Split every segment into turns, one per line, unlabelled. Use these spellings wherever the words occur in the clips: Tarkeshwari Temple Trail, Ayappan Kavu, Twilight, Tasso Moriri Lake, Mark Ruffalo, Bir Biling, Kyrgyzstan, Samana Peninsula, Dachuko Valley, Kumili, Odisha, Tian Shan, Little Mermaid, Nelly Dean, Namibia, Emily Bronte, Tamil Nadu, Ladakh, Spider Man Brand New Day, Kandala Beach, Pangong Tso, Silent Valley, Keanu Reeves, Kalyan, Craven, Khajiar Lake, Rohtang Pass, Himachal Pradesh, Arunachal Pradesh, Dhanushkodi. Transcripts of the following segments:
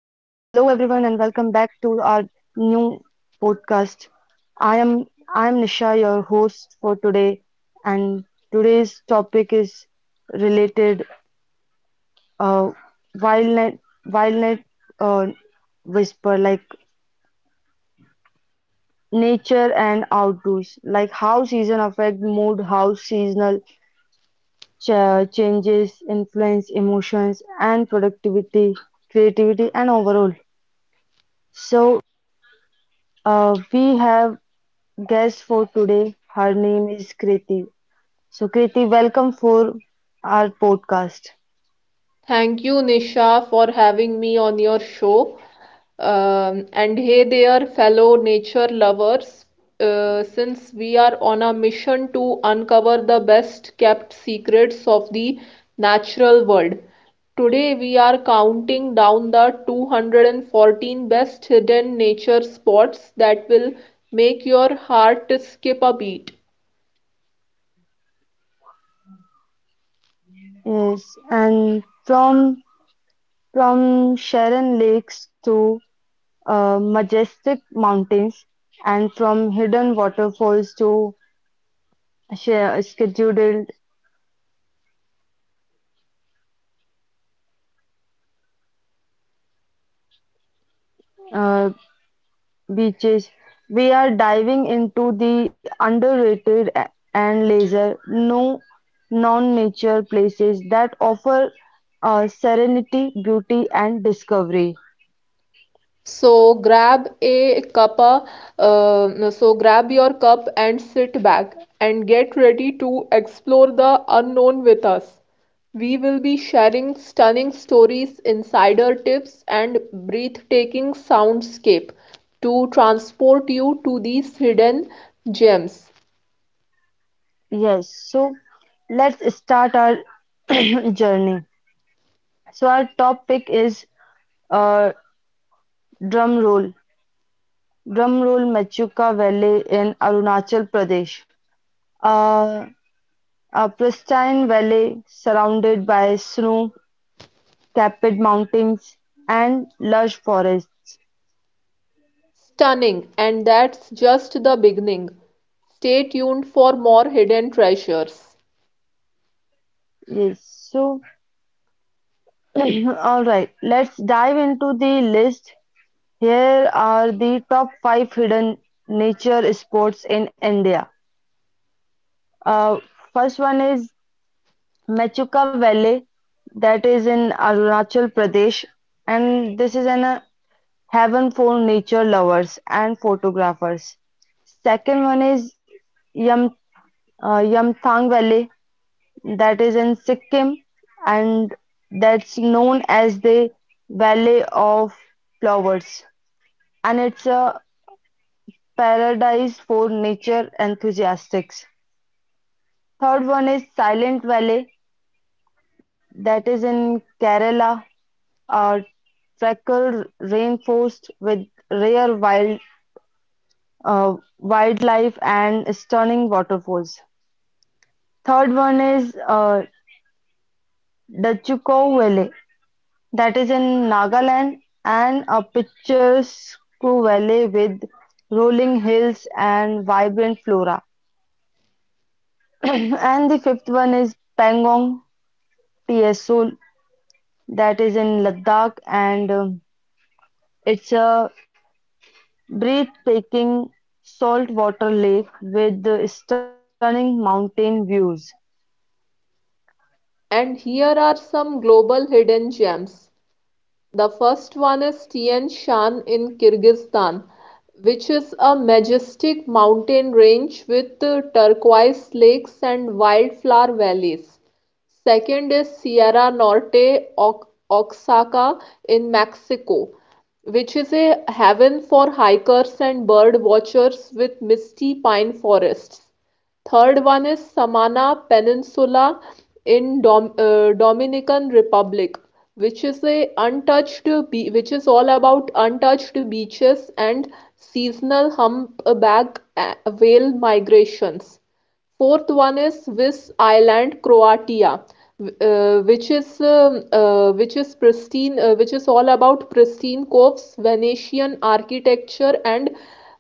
new podcast. I am I am Nisha, your host for today, and today's topic is related uh, wild night wild night uh, whisper like nature and outdoors, like how season affect mood, how seasonal changes influence emotions and productivity, creativity, and overall. So we have guest for today. Her name is Kriti. So, Kriti, welcome for our podcast.
Thank you, Nisha, for having me on your show. And hey there, fellow nature lovers. Since we are on a mission to uncover the best kept secrets of the natural world, today we are counting down the 214 best hidden nature spots that will make your heart skip a beat.
Yes, and from Sharon Lakes to majestic mountains, and from hidden waterfalls to scheduled uh, beaches. We are diving into the underrated and laser, no non-nature places that offer serenity, beauty, and discovery.
So grab a cup, uh, so grab your cup and sit back and get ready to explore the unknown with us. We will be sharing stunning stories, insider tips, and breathtaking soundscape to transport you to these hidden gems.
Yes, so let's start our journey. So our top pick is uh, drum roll, drum roll Machuca Valley in Arunachal Pradesh. Uh, a pristine valley surrounded by snow Tepid mountains and lush forests.
Stunning, and that's just the beginning. Stay tuned for more hidden treasures.
Yes, so all right, let's dive into the list. Here are the top five hidden nature sports in India. Uh, first one is Mechuka Valley, that is in Arunachal Pradesh, and this is an heaven for nature lovers and photographers. Second one is Yam, Yamthang Valley that is in Sikkim and that's known as the Valley of Flowers and it's a paradise for nature enthusiasts. Third one is Silent Valley that is in Kerala, a tropical rainforest with rare uh, wildlife and stunning waterfalls. Third one is Dachuko Valley that is in Nagaland, and a picturesque valley with rolling hills and vibrant flora. And the fifth one is Pangong Tso, that is in Ladakh, and it's a breathtaking saltwater lake with stunning mountain views.
And here are some global hidden gems. The first one is Tian Shan in Kyrgyzstan, which is a majestic mountain range with turquoise lakes and wildflower valleys. Second is Sierra Norte Oaxaca in Mexico, which is a haven for hikers and bird watchers with misty pine forests. Third one is Samana Peninsula in Dominican Republic, which is all about untouched beaches and seasonal humpback whale migrations. Fourth one is Swiss island Croatia, which is pristine, which is all about pristine coves, Venetian architecture, and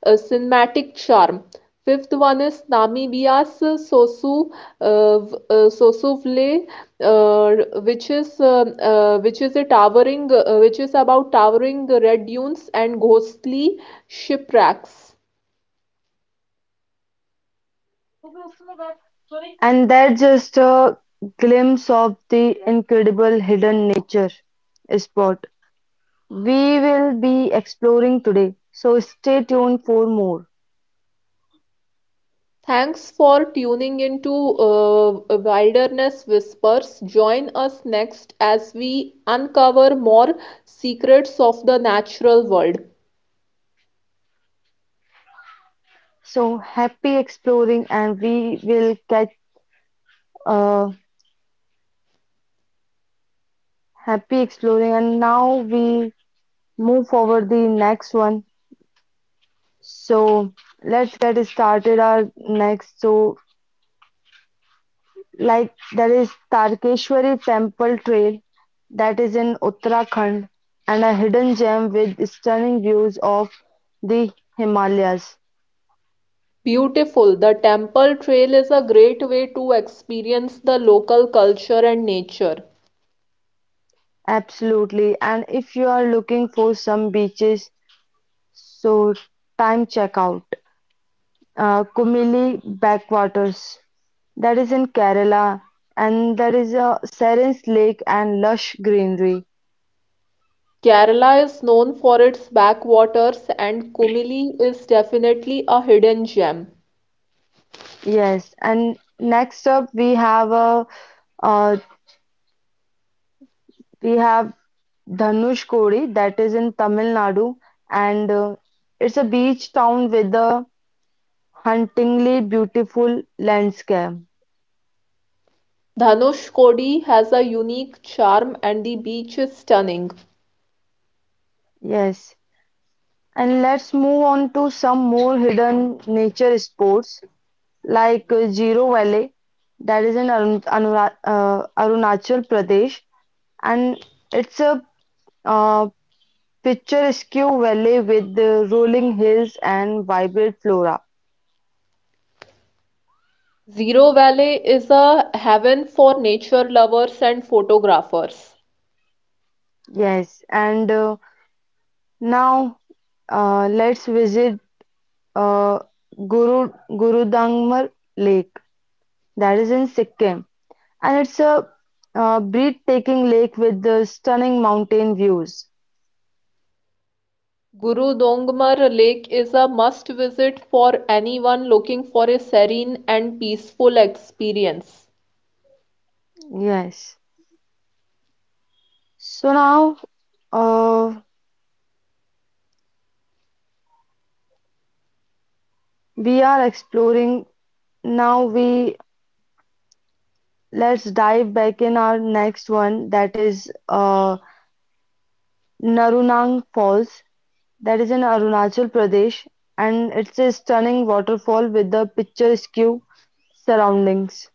cinematic charm. Fifth one is Namibia's uh, Sosuvle, uh, which is uh, which is a towering, which is about towering red dunes and ghostly shipwrecks.
And that's just a glimpse of the incredible hidden nature spot. We will be exploring today. So stay tuned for more.
Thanks for tuning into Wilderness Whispers. Join us next as we uncover more secrets of the natural world.
So happy exploring, and we will catch uh, happy exploring. And now we move forward the next one. So let's get started our next. So like there is Tarkeshwari Temple Trail that is in Uttarakhand and a hidden gem with stunning views of the Himalayas.
Beautiful, the temple trail is a great way to experience the local culture and nature.
Absolutely. And if you are looking for some beaches, so time check out Kumili backwaters. That is in Kerala, and there is a Seren's Lake and lush greenery.
Kerala is known for its backwaters, and Kumili is definitely a hidden gem.
Yes. And next up, uh, we have Dhanushkodi. That is in Tamil Nadu, and it's a beach town with a hauntingly beautiful landscape.
Dhanushkodi has a unique charm, and the beach is stunning.
Yes. And let's move on to some more hidden nature sports like Zero Valley, that is in Arunachal Pradesh, and it's a uh, picturesque valley with the rolling hills and vibrant flora.
Zero Valley is a haven for nature lovers and photographers.
Yes, and now let's visit uh, Gurudangmar Lake, that is in Sikkim. And it's a breathtaking lake with the stunning mountain views.
Guru Dongmar Lake is a must visit for anyone looking for a serene and peaceful experience.
Yes. So now uh, we are exploring. Now we Let's dive back in our next one that is Narunang Falls. That is in Arunachal Pradesh, and it's a stunning waterfall with the picturesque surroundings.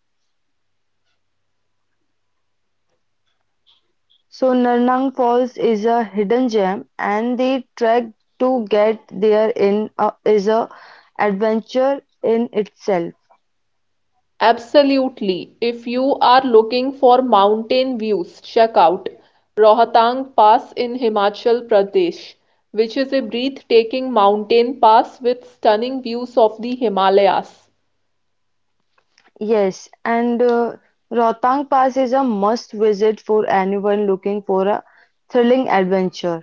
So Narnang Falls is a hidden gem and the trek to get there is a adventure in itself.
Absolutely. If you are looking for mountain views, check out Rohtang Pass in Himachal Pradesh, which is a breathtaking mountain pass with stunning views of the Himalayas.
Yes, and Rohtang Pass is a must visit for anyone looking for a thrilling adventure.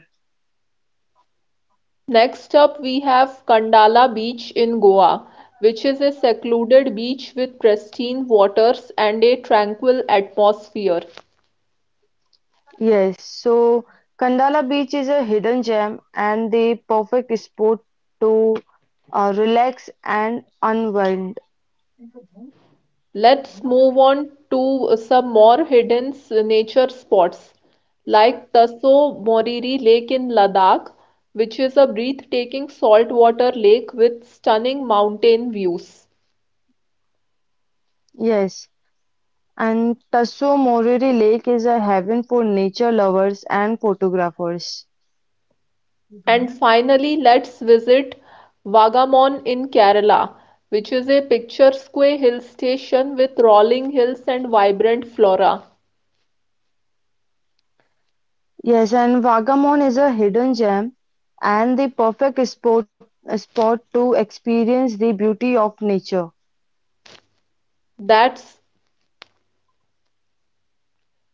Next up we have Kandala Beach in Goa, which is a secluded beach with pristine waters and a tranquil atmosphere.
Yes, so Kandala Beach is a hidden gem and the perfect spot to relax and unwind.
Let's move on to some more hidden nature spots like Taso Moriri Lake in Ladakh, which is a breathtaking saltwater lake with stunning mountain views.
Yes, and Tasso Moriri Lake is a haven for nature lovers and photographers.
And finally, let's visit Vagamon in Kerala, which is a picturesque hill station with rolling hills and vibrant flora.
Yes, and Vagamon is a hidden gem and the perfect spot to experience the beauty of nature.
That's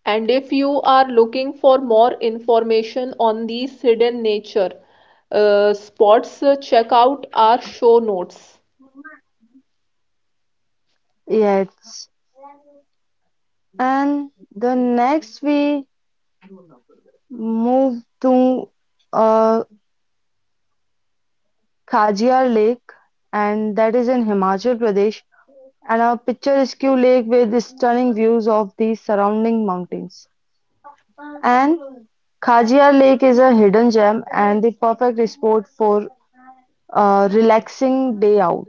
and if you are looking for more information on these hidden nature spots, check out our show notes.
Yes, and the next we move to uh, Khajiar Lake, and that is in Himachal Pradesh, and a picturesque lake with stunning views of the surrounding mountains. And Khajia Lake is a hidden gem and the perfect spot for a relaxing day out.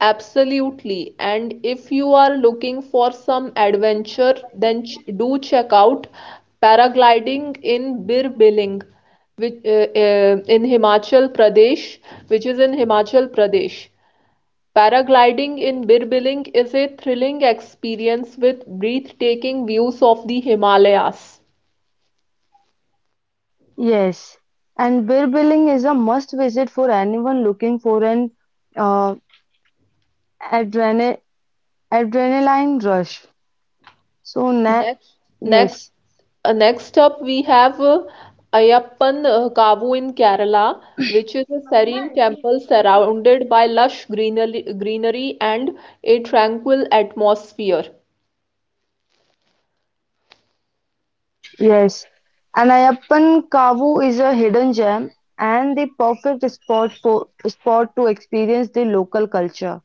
Absolutely. And if you are looking for some adventure, then do check out paragliding in Bir Biling, which, uh, uh, in Himachal Pradesh, which is in Himachal Pradesh. Paragliding in Bir Biling is a thrilling experience with breathtaking views of the Himalayas.
Yes, and Birbiling is a must visit for anyone looking for an uh, adrena- adrenaline rush. So, na-
Next, next,
yes,
next up we have Ayappan Kavu in Kerala, which is a serene temple surrounded by lush greenery and a tranquil atmosphere.
yes. And Ayappan Kavu is a hidden gem and the perfect spot to experience the local culture.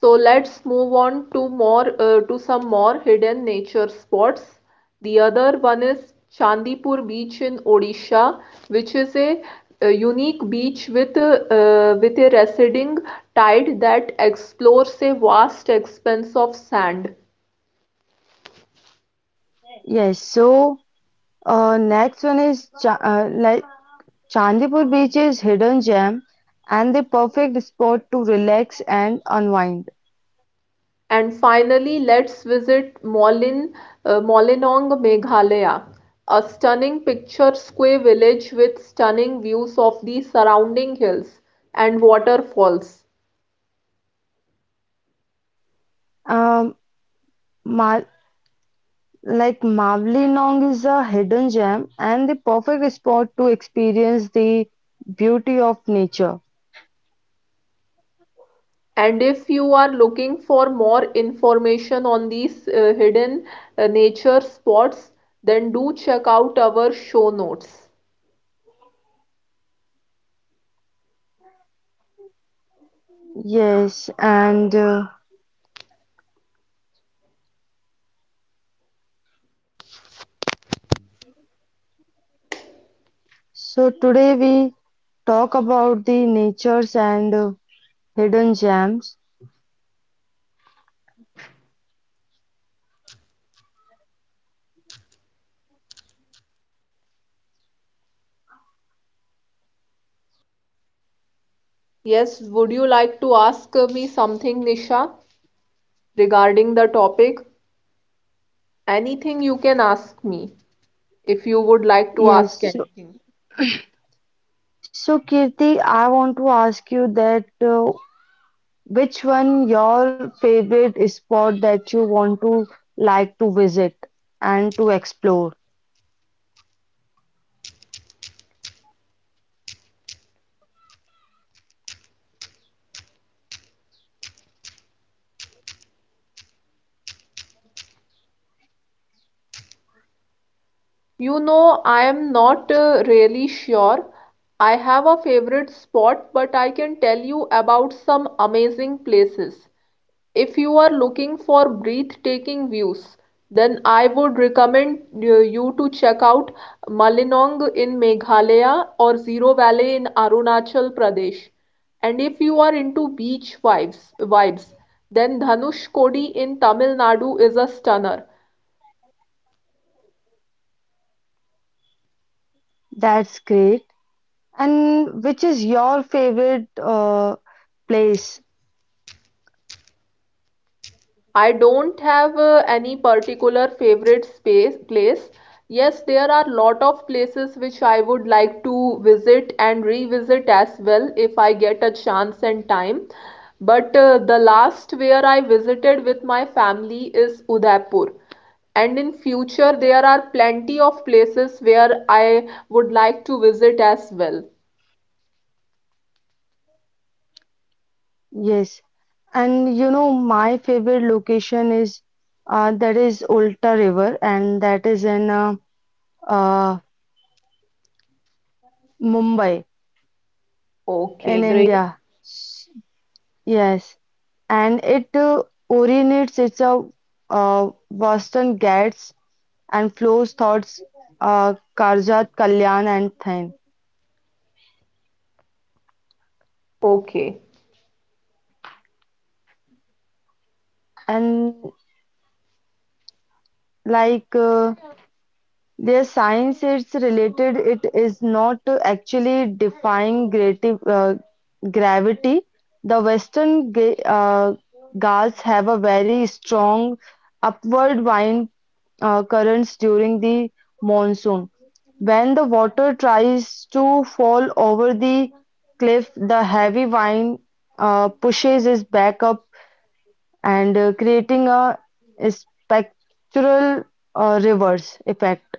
So let's move on to more to some more hidden nature spots. The other one is Chandipur Beach in Odisha, which is a unique beach with a receding tide that explores a vast expanse of sand.
Yes, so Next one is Chandipur Beach is hidden gem and the perfect spot to relax and unwind.
And finally, let's visit Molinong, Meghalaya, a stunning picture square village with stunning views of the surrounding hills and waterfalls.
Um, Ma like Mavli Nong is a hidden gem and the perfect spot to experience the beauty of nature.
And if you are looking for more information on these hidden nature spots, then do check out our show notes.
Yes, and so today we talk about the natures and hidden gems.
Yes, would you like to ask me something, Nisha, regarding the topic? Anything you can ask me if you would like to
Yes,
ask
so,
anything.
so Kirti, I want to ask you that which one your favorite spot that you want to like to visit and to explore?
You know, I am not really sure. I have a favorite spot, but I can tell you about some amazing places. If you are looking for breathtaking views, then I would recommend you to check out Malinong in Meghalaya or Zero Valley in Arunachal Pradesh. And if you are into beach vibes, then Dhanushkodi in Tamil Nadu is a stunner.
That's great. And which is your favorite place?
I don't have any particular favorite space place. Yes, there are lot of places which I would like to visit and revisit as well if I get a chance and time. But the last where I visited with my family is Udaipur. And in future there are plenty of places where I would like to visit as well.
Yes. And you know, my favorite location is that is Ulta River, and that is in uh, Mumbai in
Okay, great.
India. Yes. And it originates it's a Western Ghats and flows thoughts Karjat, Kalyan, and Thain.
Okay.
And like their science, it's related, it is not actually defying gravity. The Western gas have a very strong upward wind currents during the monsoon. When the water tries to fall over the cliff, the heavy wind pushes it back up and creating a spectral reverse effect.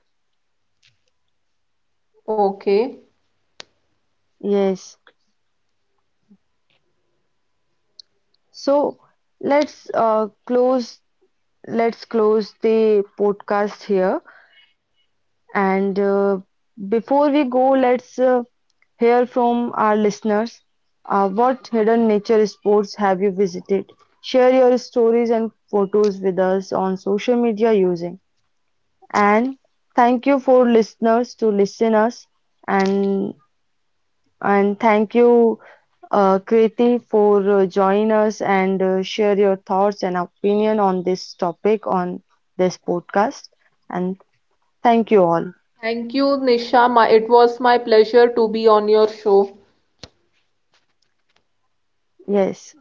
Okay.
Yes. So let's uh, close let's close the podcast here and before we go let's hear from our listeners. What hidden nature sports have you visited? Share your stories and photos with us on social media using and thank you for listeners to listen us and And thank you, Kriti, for joining us and share your thoughts and opinion on this topic on this podcast. And thank you all.
Thank you, Nisha. My, it was my pleasure to be on your show.
Yes.